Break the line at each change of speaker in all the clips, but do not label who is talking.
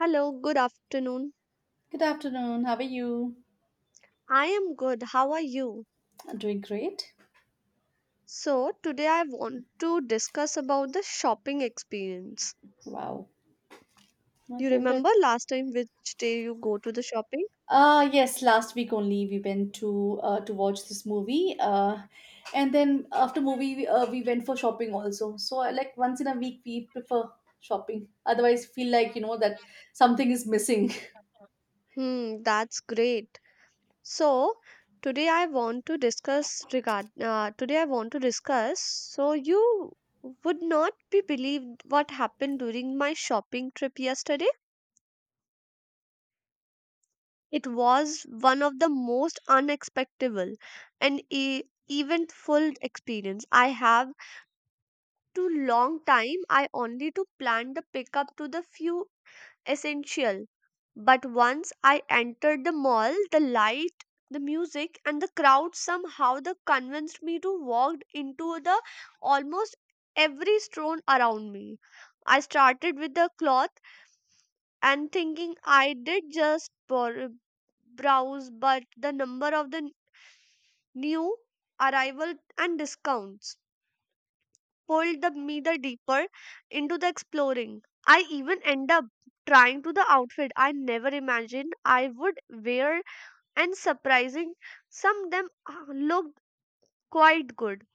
Hello, good afternoon.
Good afternoon. How are you?
I am good. How are you?
I'm doing great.
So, today I want to discuss about the shopping experience.
Wow, my
You
favorite.
remember last time which day you go to the shopping?
Yes, last week only we went to watch this movie. And then after movie we went for shopping also. So I like once in a week we prefer shopping. Otherwise feel like you know that something is missing.
Hmm, that's great. So, today I want to discuss so you would not be believed what happened during my shopping trip yesterday. It was one of the most unexpected and eventful experience I have to long time. I only to plan the pickup to the few essential. But once I entered the mall, the light, the music, and the crowd somehow the convinced me to walk into the almost every stone around me. I started with the cloth and thinking I did just browse, but the number of the new arrival and discounts pulled the, me the deeper into the exploring. I even end up trying to the outfit I never imagined I would wear and surprising some of them looked quite good.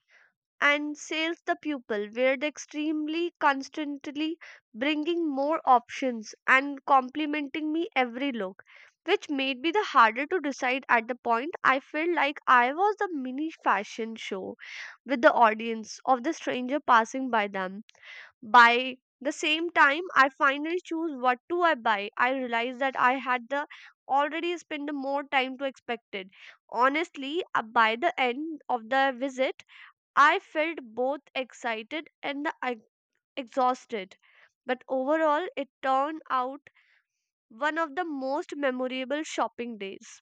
And sales the pupil where the extremely constantly bringing more options and complimenting me every look, which made me the harder to decide. At the point I felt like I was the mini fashion show with the audience of the stranger passing by them by the same time I finally choose what to I buy. I realized that I had the already spent more time to expected. Honestly, by the end of the visit I felt both excited and the exhausted. But overall, it turned out one of the most memorable shopping days.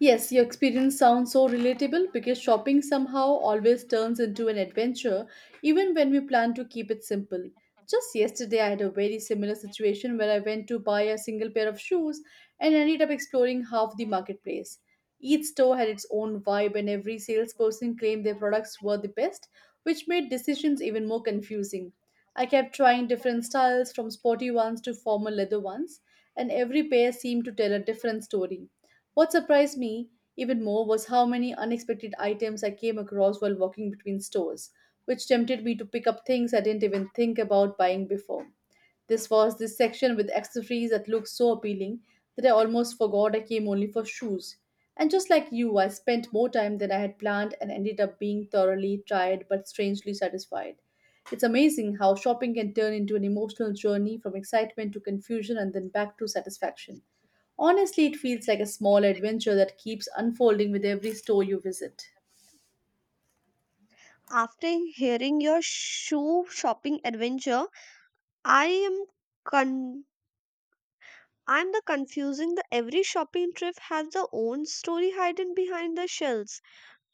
Yes, your experience sounds so relatable because shopping somehow always turns into an adventure, even when we plan to keep it simple. Just yesterday, I had a very similar situation where I went to buy a single pair of shoes and ended up exploring half the marketplace. Each store had its own vibe, and every salesperson claimed their products were the best, which made decisions even more confusing. I kept trying different styles, from sporty ones to formal leather ones, and every pair seemed to tell a different story. What surprised me even more was how many unexpected items I came across while walking between stores, which tempted me to pick up things I didn't even think about buying before. This was this section with accessories that looked so appealing that I almost forgot I came only for shoes. And just like you, I spent more time than I had planned and ended up being thoroughly tired but strangely satisfied. It's amazing how shopping can turn into an emotional journey from excitement to confusion and then back to satisfaction. Honestly, it feels like a small adventure that keeps unfolding with every store you visit.
After hearing your shoe shopping adventure, I am con- I'm the confusing the every shopping trip has their own story hidden behind the shells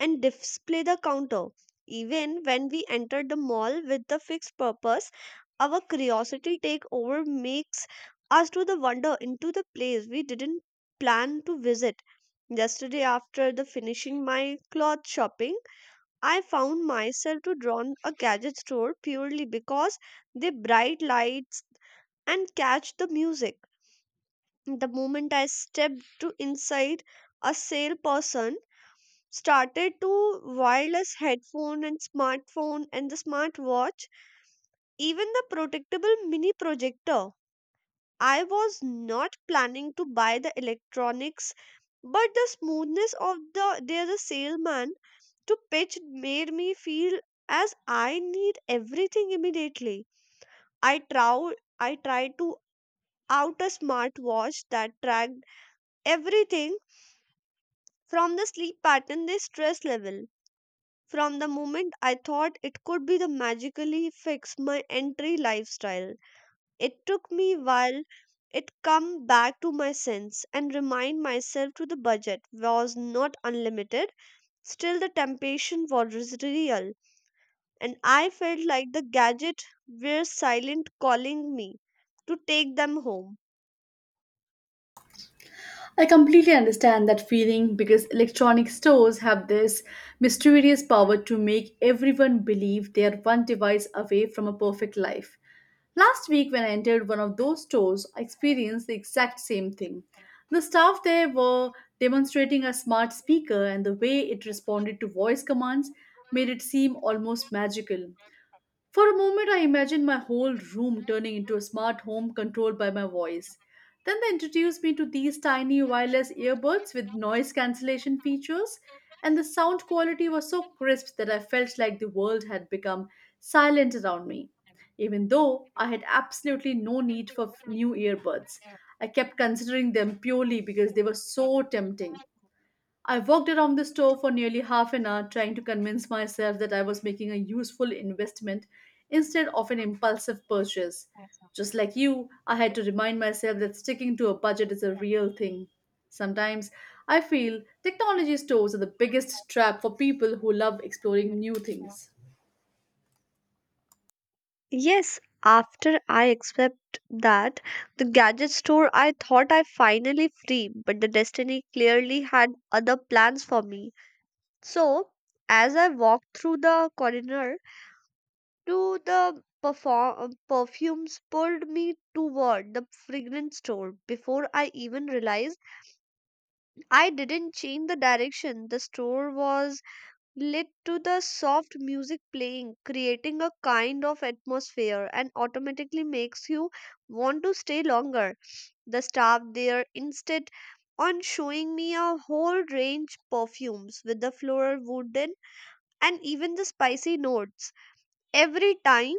and display the counter. Even when we enter the mall with the fixed purpose, our curiosity take over makes us to the wonder into the place we didn't plan to visit. Yesterday after the finishing my cloth shopping, I found myself to drawn a gadget store purely because the bright lights and catch the music. The moment I stepped to inside, a salesperson started to wireless headphone and smartphone and the smartwatch, even the protectable mini projector. I was not planning to buy the electronics, but the smoothness of the their the salesman to pitch made me feel as I need everything immediately. I trow I tried to out a smartwatch that tracked everything from the sleep pattern to stress level. From the moment I thought it could be the magically fix my entry lifestyle, it took me while it come back to my sense and remind myself to the budget was not unlimited. Still the temptation was real, and I felt like the gadget were silent calling me to take them home.
I completely understand that feeling because electronic stores have this mysterious power to make everyone believe they are one device away from a perfect life. Last week, when I entered one of those stores, I experienced the exact same thing. The staff there were demonstrating a smart speaker, and the way it responded to voice commands made it seem almost magical. For a moment, I imagined my whole room turning into a smart home controlled by my voice. Then they introduced me to these tiny wireless earbuds with noise cancellation features, and the sound quality was so crisp that I felt like the world had become silent around me. Even though I had absolutely no need for new earbuds, I kept considering them purely because they were so tempting. I walked around the store for nearly half an hour trying to convince myself that I was making a useful investment instead of an impulsive purchase. Just like you, I had to remind myself that sticking to a budget is a real thing. Sometimes I feel technology stores are the biggest trap for people who love exploring new things.
Yes, after I accept that the gadget store I thought I finally free, but the destiny clearly had other plans for me. So, as I walked through the corridor, to the perfumes pulled me toward the fragrance store before I even realized I didn't change the direction. The store was led to the soft music playing, creating a kind of atmosphere and automatically makes you want to stay longer. The staff there instead on showing me a whole range perfumes with the floral wooden and even the spicy notes. Every time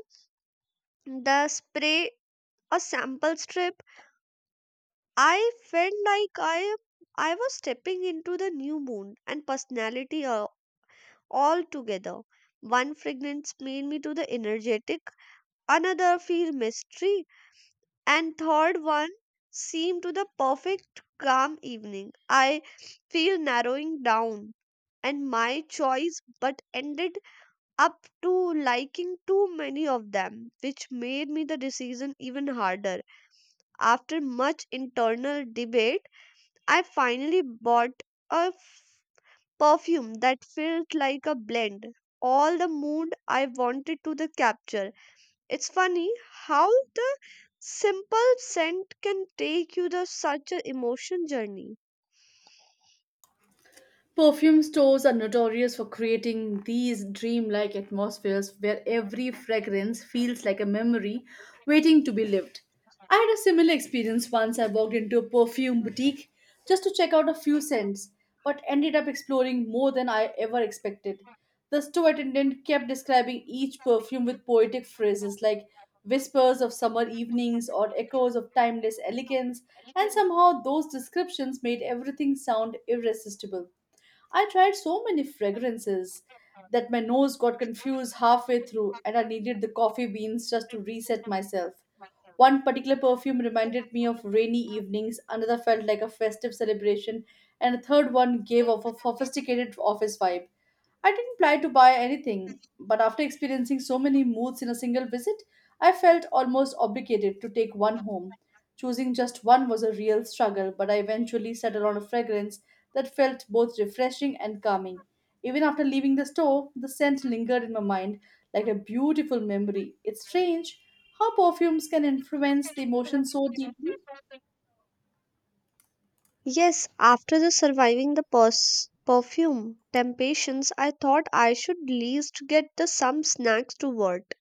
the spray a sample strip, I felt like I I was stepping into the new moon and personality all together. One fragrance made me to the energetic, another feel mystery, and third one seemed to the perfect calm evening. I feel narrowing down and my choice but ended up to liking too many of them, which made me the decision even harder. After much internal debate I finally bought a perfume that felt like a blend all the mood I wanted to the capture. It's funny how the simple scent can take you the such a emotion journey.
Perfume stores are notorious for creating these dreamlike atmospheres where every fragrance feels like a memory waiting to be lived. I had a similar experience once I walked into a perfume boutique just to check out a few scents, but ended up exploring more than I ever expected. The store attendant kept describing each perfume with poetic phrases like whispers of summer evenings or echoes of timeless elegance, and somehow those descriptions made everything sound irresistible. I tried so many fragrances that my nose got confused halfway through, and I needed the coffee beans just to reset myself. One particular perfume reminded me of rainy evenings, another felt like a festive celebration, and a third one gave off a sophisticated office vibe. I didn't plan to buy anything, but after experiencing so many moods in a single visit, I felt almost obligated to take one home. Choosing just one was a real struggle, but I eventually settled on a fragrance that felt both refreshing and calming. Even after leaving the store, the scent lingered in my mind like a beautiful memory. It's strange how perfumes can influence the emotion so deeply.
Yes, after the surviving the perfume temptations I thought I should least get the some snacks to work,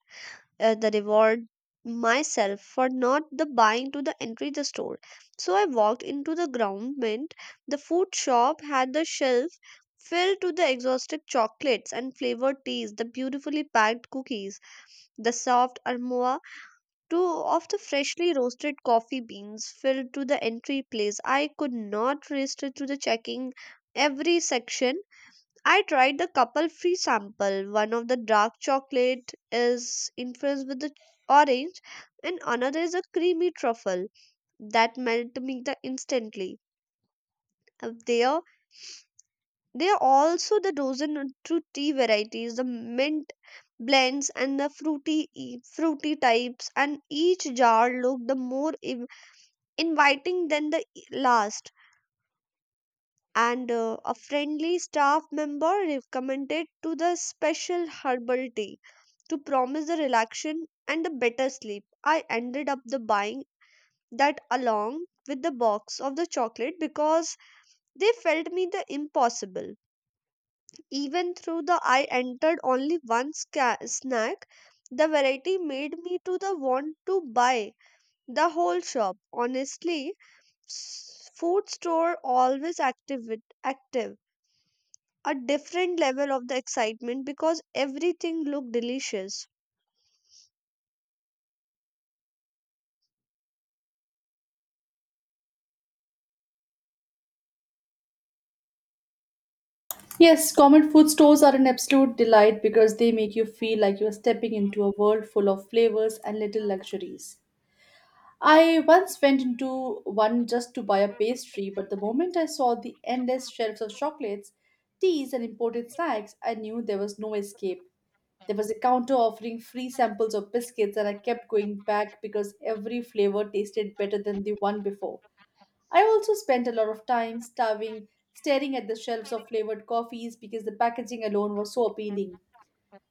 the reward myself for not the buying to the entry the store. So I walked into the ground mint. The food shop had the shelf filled to the exhausted chocolates and flavored teas, the beautifully packed cookies, the soft aroma to of the freshly roasted coffee beans filled to the entry place. I could not resist to the checking every section. I tried the couple free sample. One of the dark chocolate is infused with the orange, and another is a creamy truffle that melt me the instantly. Uh, There, there are also the dozen or two tea varieties, the mint blends and the fruity types, and each jar looked the more inviting than the last. And a friendly staff member recommended to the special herbal tea to promise the relaxation and a better sleep. I ended up the buying that along with the box of the chocolate because they felt me the impossible. Even through the I entered only one snack, the variety made me to the want to buy the whole shop. Honestly, food store always active with active a different level of the excitement because everything looked delicious.
Yes, common food stores are an absolute delight because they make you feel like you're stepping into a world full of flavors and little luxuries. I once went into one just to buy a pastry, but the moment I saw the endless shelves of chocolates, teas, and imported snacks, I knew there was no escape. There was a counter offering free samples of biscuits, and I kept going back because every flavor tasted better than the one before. I also spent a lot of time starving, staring at the shelves of flavored coffees because the packaging alone was so appealing.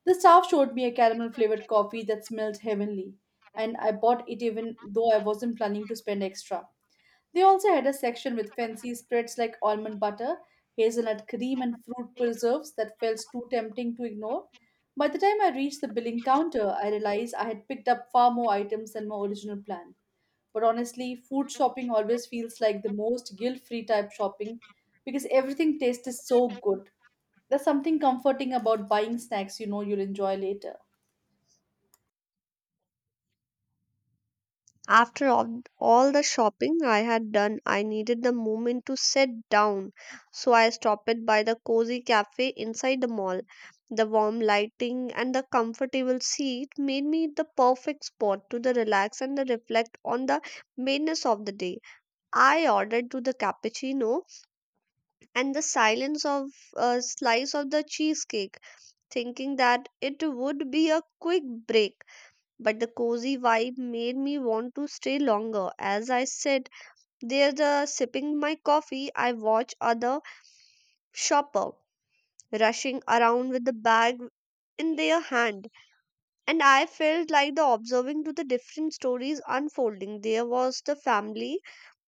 The staff showed me a caramel flavored coffee that smelled heavenly, and I bought it even though I wasn't planning to spend extra. They also had a section with fancy spreads like almond butter, hazelnut cream, and fruit preserves that felt too tempting to ignore. By the time I reached the billing counter, I realized I had picked up far more items than my original plan. But honestly, food shopping always feels like the most guilt free type shopping because everything tastes so good. There's something comforting about buying snacks you know you'll enjoy later.
After all the shopping I had done, I needed the moment to sit down, so I stopped it by the cozy cafe inside the mall. The warm lighting and the comfortable seat made me the perfect spot to the relax and the reflect on the madness of the day. I ordered to the cappuccino and the silence of a slice of the cheesecake, thinking that it would be a quick break, but the cozy vibe made me want to stay longer. As I sat there the, sipping my coffee, I watched other shopper rushing around with the bag in their hand, and I felt like the observing to the different stories unfolding. There was the family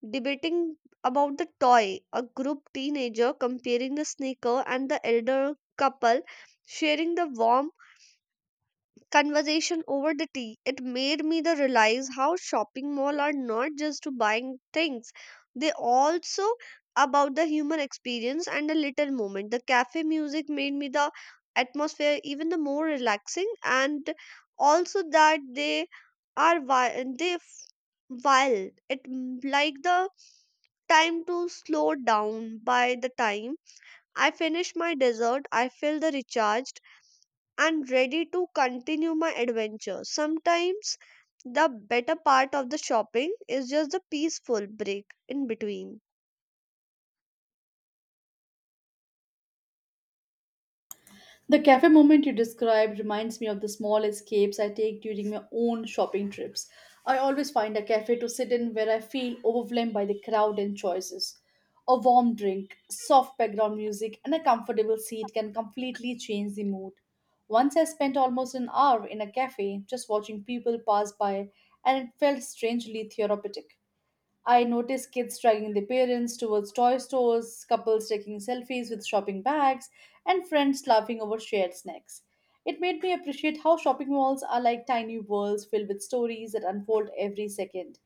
debating about the toy, a group teenager comparing the sneaker, and the elder couple sharing the warm conversation over the tea. It made me the realize how shopping mall are not just to buying things. They also about the human experience and the little moment. The cafe music made me the atmosphere even the more relaxing, and also that they are wild. It like the time to slow down. By the time I finish my dessert, I feel the recharged and ready to continue my adventure. Sometimes the better part of the shopping is just the peaceful break in between.
The cafe moment you described reminds me of the small escapes I take during my own shopping trips. I always find a cafe to sit in where I feel overwhelmed by the crowd and choices. A warm drink, soft background music, and a comfortable seat can completely change the mood. Once I spent almost an hour in a cafe just watching people pass by, and it felt strangely therapeutic. I noticed kids dragging their parents towards toy stores, couples taking selfies with shopping bags, and friends laughing over shared snacks. It made me appreciate how shopping malls are like tiny worlds filled with stories that unfold every second.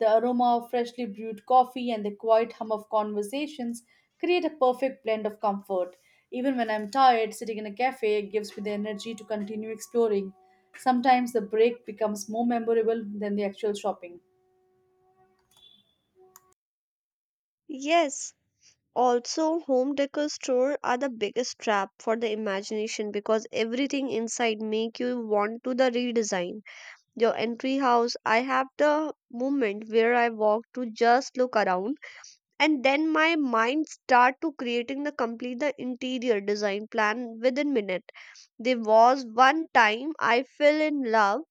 The aroma of freshly brewed coffee and the quiet hum of conversations create a perfect blend of comfort. Even when I'm tired, sitting in a cafe gives me the energy to continue exploring. Sometimes the break becomes more memorable than the actual shopping.
Yes, also home decor store are the biggest trap for the imagination because everything inside make you want to the redesign. Your entry house, I have the moment where I walk to just look around, and then my mind start to creating the complete the interior design plan within minute. There was one time I fell in love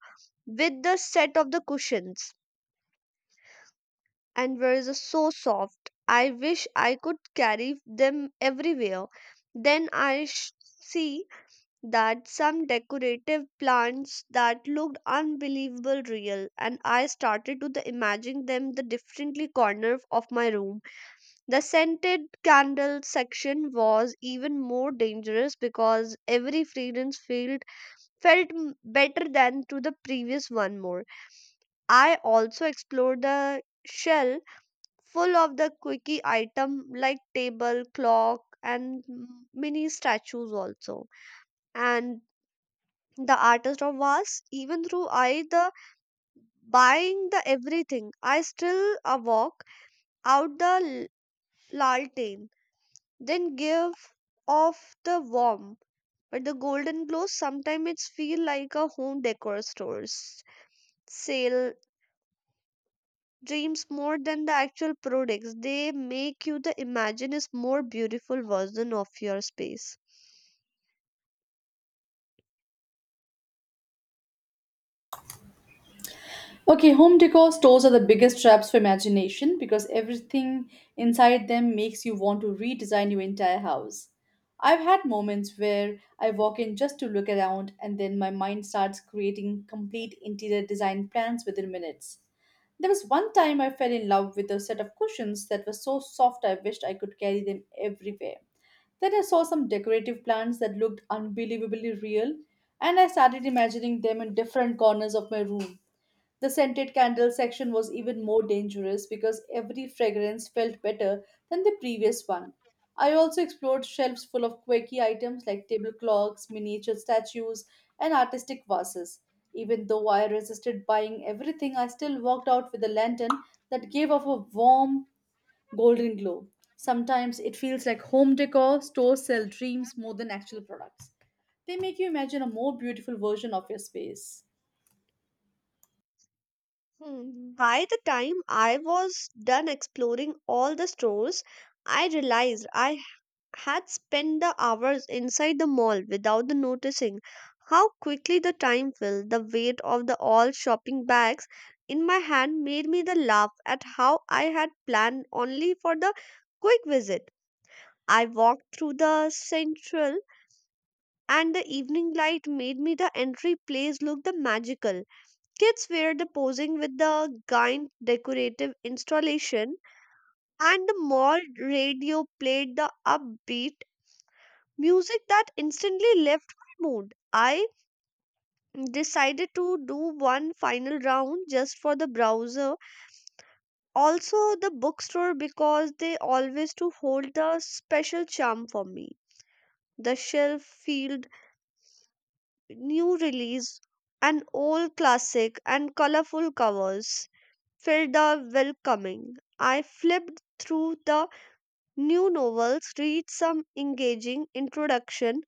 with the set of the cushions and were the so soft I wish I could carry them everywhere. Then see that some decorative plants that looked unbelievable real, and I started to the imagine them the differently corner of my room. The scented candle section was even more dangerous because every fragrance felt better than to the previous one more. I also explored the shell full of the quickie item like table, clock, and mini statues also. And the artist of vase, even though I the buying the everything, I still walk out the lantern then give off the warm but the golden glow. Sometimes it's feel like a home decor stores sale dreams more than the actual products. They make you the imagine is more beautiful version of your space.
Okay, home decor stores are the biggest traps for imagination because everything inside them makes you want to redesign your entire house. I've had moments where I walk in just to look around and then my mind starts creating complete interior design plans within minutes. There was one time I fell in love with a set of cushions that were so soft I wished I could carry them everywhere. Then I saw some decorative plants that looked unbelievably real, and I started imagining them in different corners of my room. The scented candle section was even more dangerous because every fragrance felt better than the previous one. I also explored shelves full of quirky items like table clocks, miniature statues, and artistic vases. Even though I resisted buying everything, I still walked out with a lantern that gave off a warm golden glow. Sometimes it feels like home decor stores sell dreams more than actual products. They make you imagine a more beautiful version of your space.
Hmm, by the time I was done exploring all the stores, I realized I had spent the hours inside the mall without the noticing how quickly the time flew. The weight of the all shopping bags in my hand made me the laugh at how I had planned only for the quick visit. I walked through the central, and the evening light made me the entry place look the magical. Kids were the posing with the giant decorative installation, and the mall radio played the upbeat music that instantly left my mood. I decided to do one final round just for the browser, also the bookstore because they always to hold the special charm for me. The shelf field, new release, an old classic, and colorful covers felt the welcoming. I flipped through the new novels, read some engaging introduction,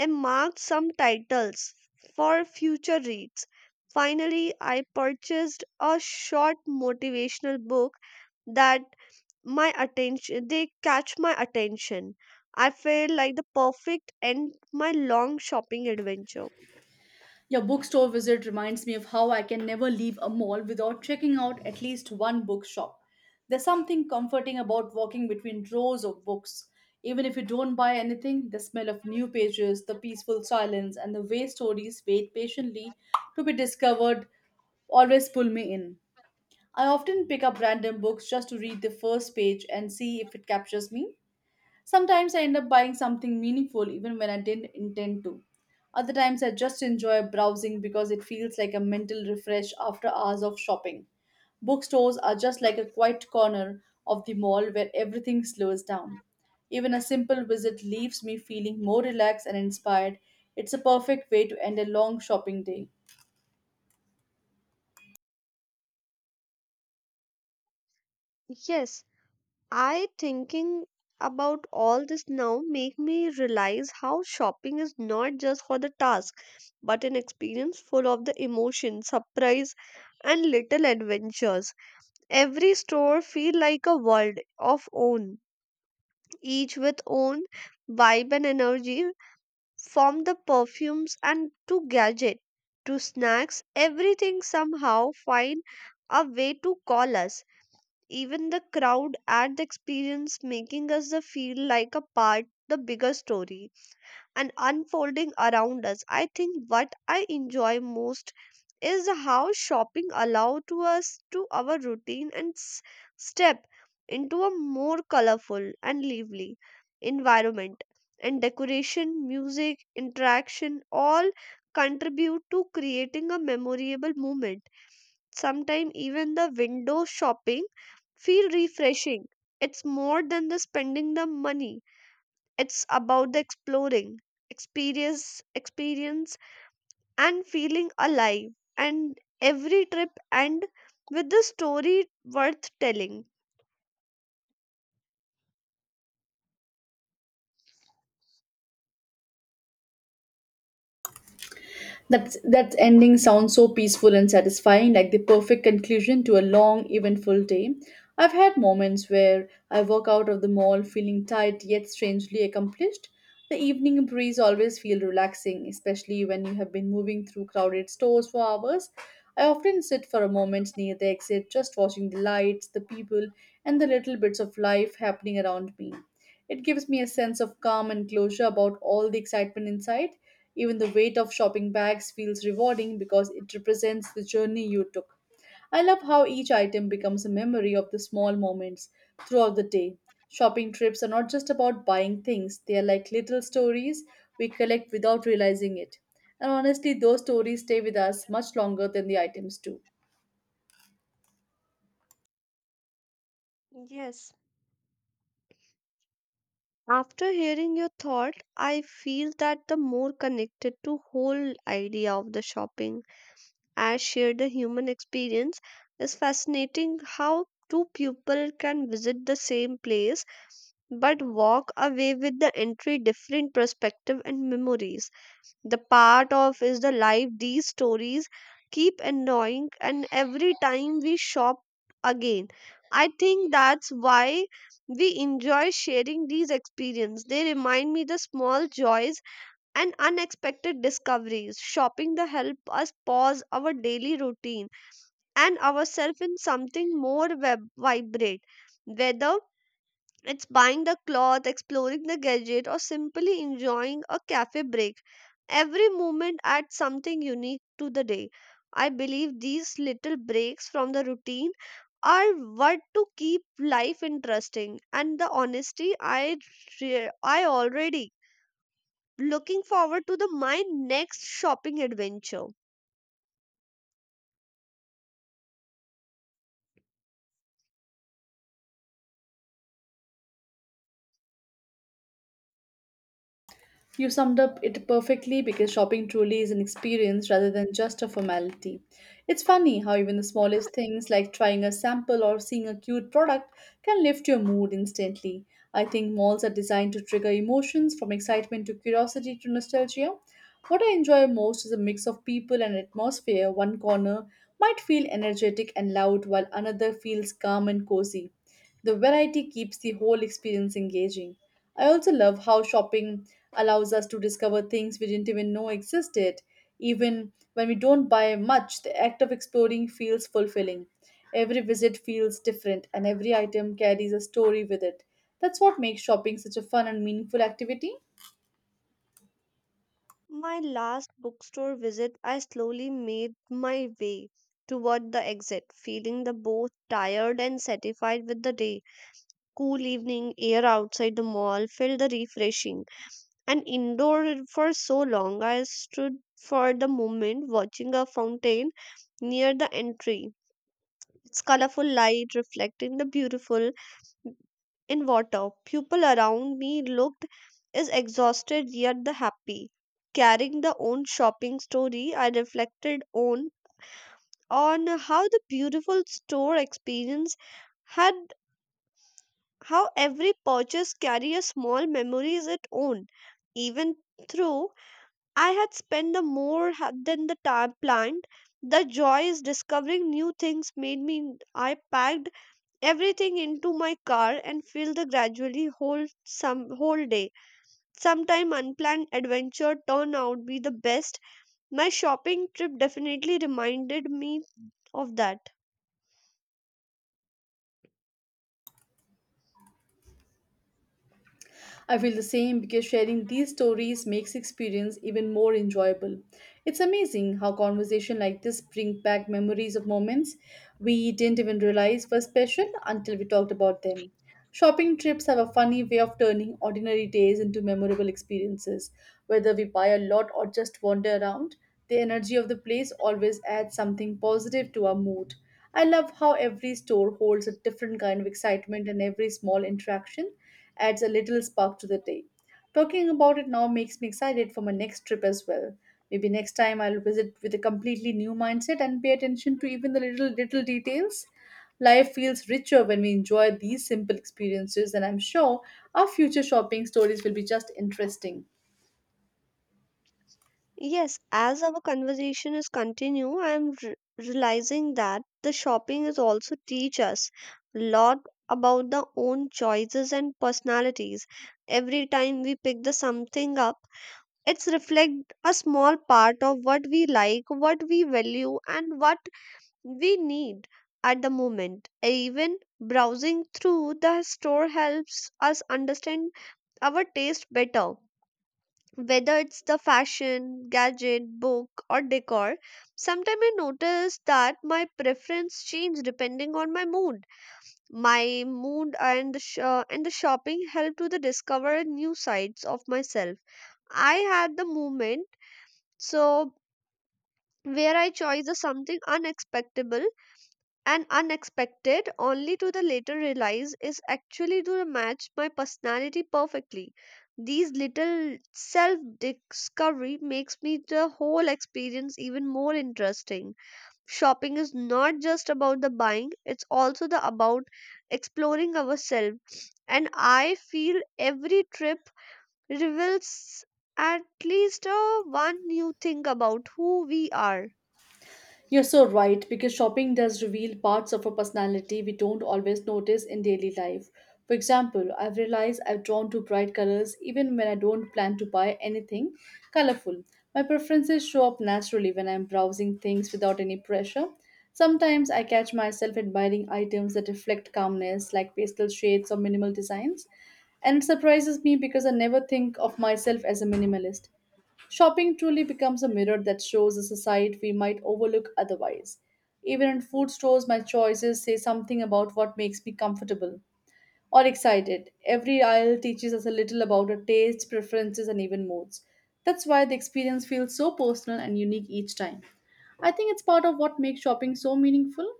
and marked some titles for future reads. Finally, I purchased a short motivational book that my attention. I felt like the perfect end my long shopping adventure.
Your bookstore visit reminds me of how I can never leave a mall without checking out at least one bookshop. There's something comforting about walking between rows of books. Even if you don't buy anything, the smell of new pages, the peaceful silence, and the way stories wait patiently to be discovered always pull me in. I often pick up random books just to read the first page and see if it captures me. Sometimes I end up buying something meaningful even when I didn't intend to. Other times I just enjoy browsing because it feels like a mental refresh after hours of shopping. Bookstores are just like a quiet corner of the mall where everything slows down. Even a simple visit leaves me feeling more relaxed and inspired. It's a perfect way to end a long shopping day.
Yes, I thinking about all this now make me realize how shopping is not just for the task but an experience full of the emotion, surprise, and little adventures. Every store feel like a world of own, each with own vibe and energy from the perfumes and to gadget to snacks, everything somehow find a way to call us, even the crowd at the experience making us the feel like a part the bigger story and unfolding around us. I think what I enjoy most is how shopping allowed to us to our routine and step into a more colorful and lively environment, and decoration music interaction all contribute to creating a memorable moment. Sometimes even the window shopping feel refreshing. It's more than the spending the money, it's about the exploring experience. Experience and feeling alive. And every trip end with the story worth telling.
That ending sounds so peaceful and satisfying, like the perfect conclusion to a long, eventful day. I've had moments where I walk out of the mall feeling tired yet strangely accomplished. The evening breeze always feels relaxing, especially when you have been moving through crowded stores for hours. I often sit for a moment near the exit, just watching the lights, the people, and the little bits of life happening around me. It gives me a sense of calm and closure about all the excitement inside. Even the weight of shopping bags feels rewarding because it represents the journey you took. I love how each item becomes a memory of the small moments throughout the day. Shopping trips are not just about buying things, they are like little stories we collect without realizing it. And honestly, those stories stay with us much longer than the items do.
Yes. After hearing your thought, I feel that the more connected to whole idea of the shopping as shared the human experience, is fascinating how two people can visit the same place but walk away with the entry different perspective and memories. The part of is the life these stories keep annoying, and every time we shop again. I think that's why we enjoy sharing these experiences. They remind me the small joys and unexpected discoveries. Shopping the help us pause our daily routine and ourselves in something more vibrant. Whether it's buying the cloth, exploring the gadget, or simply enjoying a cafe break. Every moment adds something unique to the day. I believe these little breaks from the routine are what to keep life interesting, and the honesty I I already looking forward to the my next shopping adventure.
You summed up it perfectly because shopping truly is an experience rather than just a formality. It's funny how even the smallest things like trying a sample or seeing a cute product can lift your mood instantly. I think malls are designed to trigger emotions from excitement to curiosity to nostalgia. What I enjoy most is a mix of people and atmosphere. One corner might feel energetic and loud while another feels calm and cozy. The variety keeps the whole experience engaging. I also love how shopping allows us to discover things we didn't even know existed. Even when we don't buy much, the act of exploring feels fulfilling. Every visit feels different, and every item carries a story with it. That's what makes shopping such a fun and meaningful activity.
My last bookstore visit, I slowly made my way toward the exit, feeling the both tired and satisfied with the day. Cool evening air outside the mall felt the refreshing and indoor for so long. I stood for the moment watching a fountain near the entry, its colorful light reflecting the beautiful in water. People around me looked as exhausted yet the happy. Carrying the own shopping story, I reflected on how the beautiful store experience had, how every purchase carry a small memory is its own, even through I had spent the more than the time planned. The joy is discovering new things made me. I packed everything into my car and filled the gradually whole some whole day. Sometime unplanned adventure turned out be the best. My shopping trip definitely reminded me of that.
I feel the same because sharing these stories makes experience even more enjoyable. It's amazing how conversation like this bring back memories of moments we didn't even realize were special until we talked about them. Shopping trips have a funny way of turning ordinary days into memorable experiences. Whether we buy a lot or just wander around, the energy of the place always adds something positive to our mood. I love how every store holds a different kind of excitement and every small interaction adds a little spark to the day. Talking about it now makes me excited for my next trip as well. Maybe next time I'll visit with a completely new mindset and pay attention to even the little details. Life feels richer when we enjoy these simple experiences, and I'm sure our future shopping stories will be just interesting.
Yes, as our conversation is continue, I am realizing that the shopping is also teach us a lot about the own choices and personalities. Every time we pick the something up, it's reflect a small part of what we like, what we value, and what we need at the moment. Even browsing through the store helps us understand our taste better, whether it's the fashion, gadget, book, or decor, sometimes I notice that my preference change depending on my mood. My mood and the and the shopping help to the discover new sides of myself. I had the moment so where I chose the something unexpected and unexpected, only to the later realize is actually to match my personality perfectly. These little self discovery makes me the whole experience even more interesting. Shopping is not just about the buying, it's also the about exploring ourselves. And I feel every trip reveals at least one new thing about who we are.
You're so right, because shopping does reveal parts of a personality we don't always notice in daily life. For example, I've realized I'm drawn to bright colors even when I don't plan to buy anything colorful. My preferences show up naturally when I'm browsing things without any pressure. Sometimes I catch myself admiring items that reflect calmness, like pastel shades or minimal designs and it surprises me because I never think of myself as a minimalist. Shopping truly becomes a mirror that shows us a side we might overlook otherwise. Even in food stores, my choices say something about what makes me comfortable or excited. Every aisle teaches us a little about our tastes, preferences, and even moods. That's why the experience feels so personal and unique each time. I think it's part of what makes shopping so meaningful.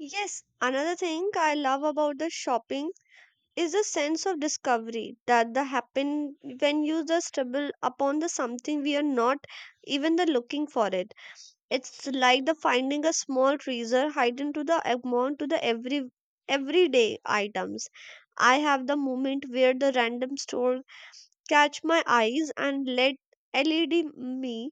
Yes, another thing I love about the shopping is a sense of discovery that the happen when you just stumble upon the something we are not even the looking for it. It's like the finding a small treasure hidden to the amount to the everyday items. I have the moment where the random store catch my eyes and let led me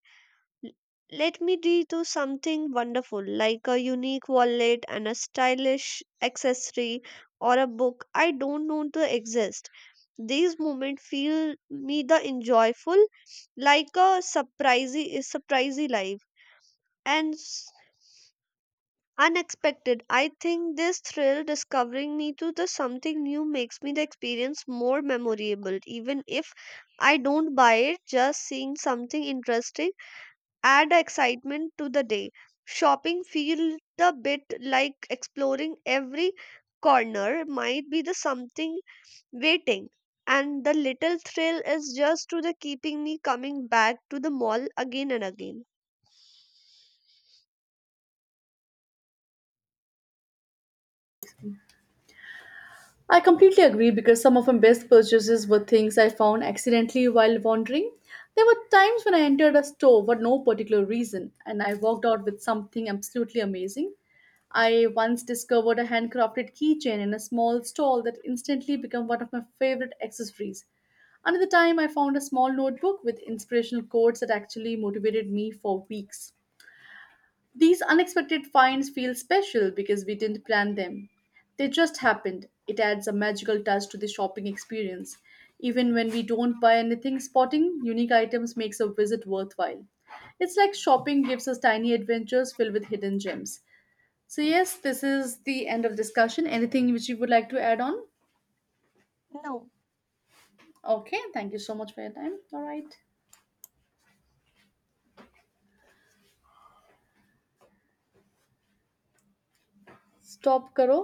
L- let me do to something wonderful, like a unique wallet and a stylish accessory, or a book I don't know to exist. These moments feel me the enjoyful, like a surprisey life and unexpected. I think this thrill discovering me to the something new makes me the experience more memorable, even if I don't buy it, just seeing something interesting add excitement to the day. Shopping feels a bit like exploring. Every corner might be the something waiting, and the little thrill is just to the keeping me coming back to the mall again and again.
I completely agree because some of my best purchases were things I found accidentally while wandering. There were times when I entered a store for no particular reason and I walked out with something absolutely amazing. I once discovered a handcrafted keychain in a small stall that instantly became one of my favorite accessories. Another time, I found a small notebook with inspirational quotes that actually motivated me for weeks. These unexpected finds feel special because we didn't plan them. They just happened. It adds a magical touch to the shopping experience. Even when we don't buy anything, spotting unique items makes a visit worthwhile. It's like shopping gives us tiny adventures filled with hidden gems. So, yes, this is the end of discussion. Anything which you would like to add on? Okay, thank you so much for your time. All right. Stop karo.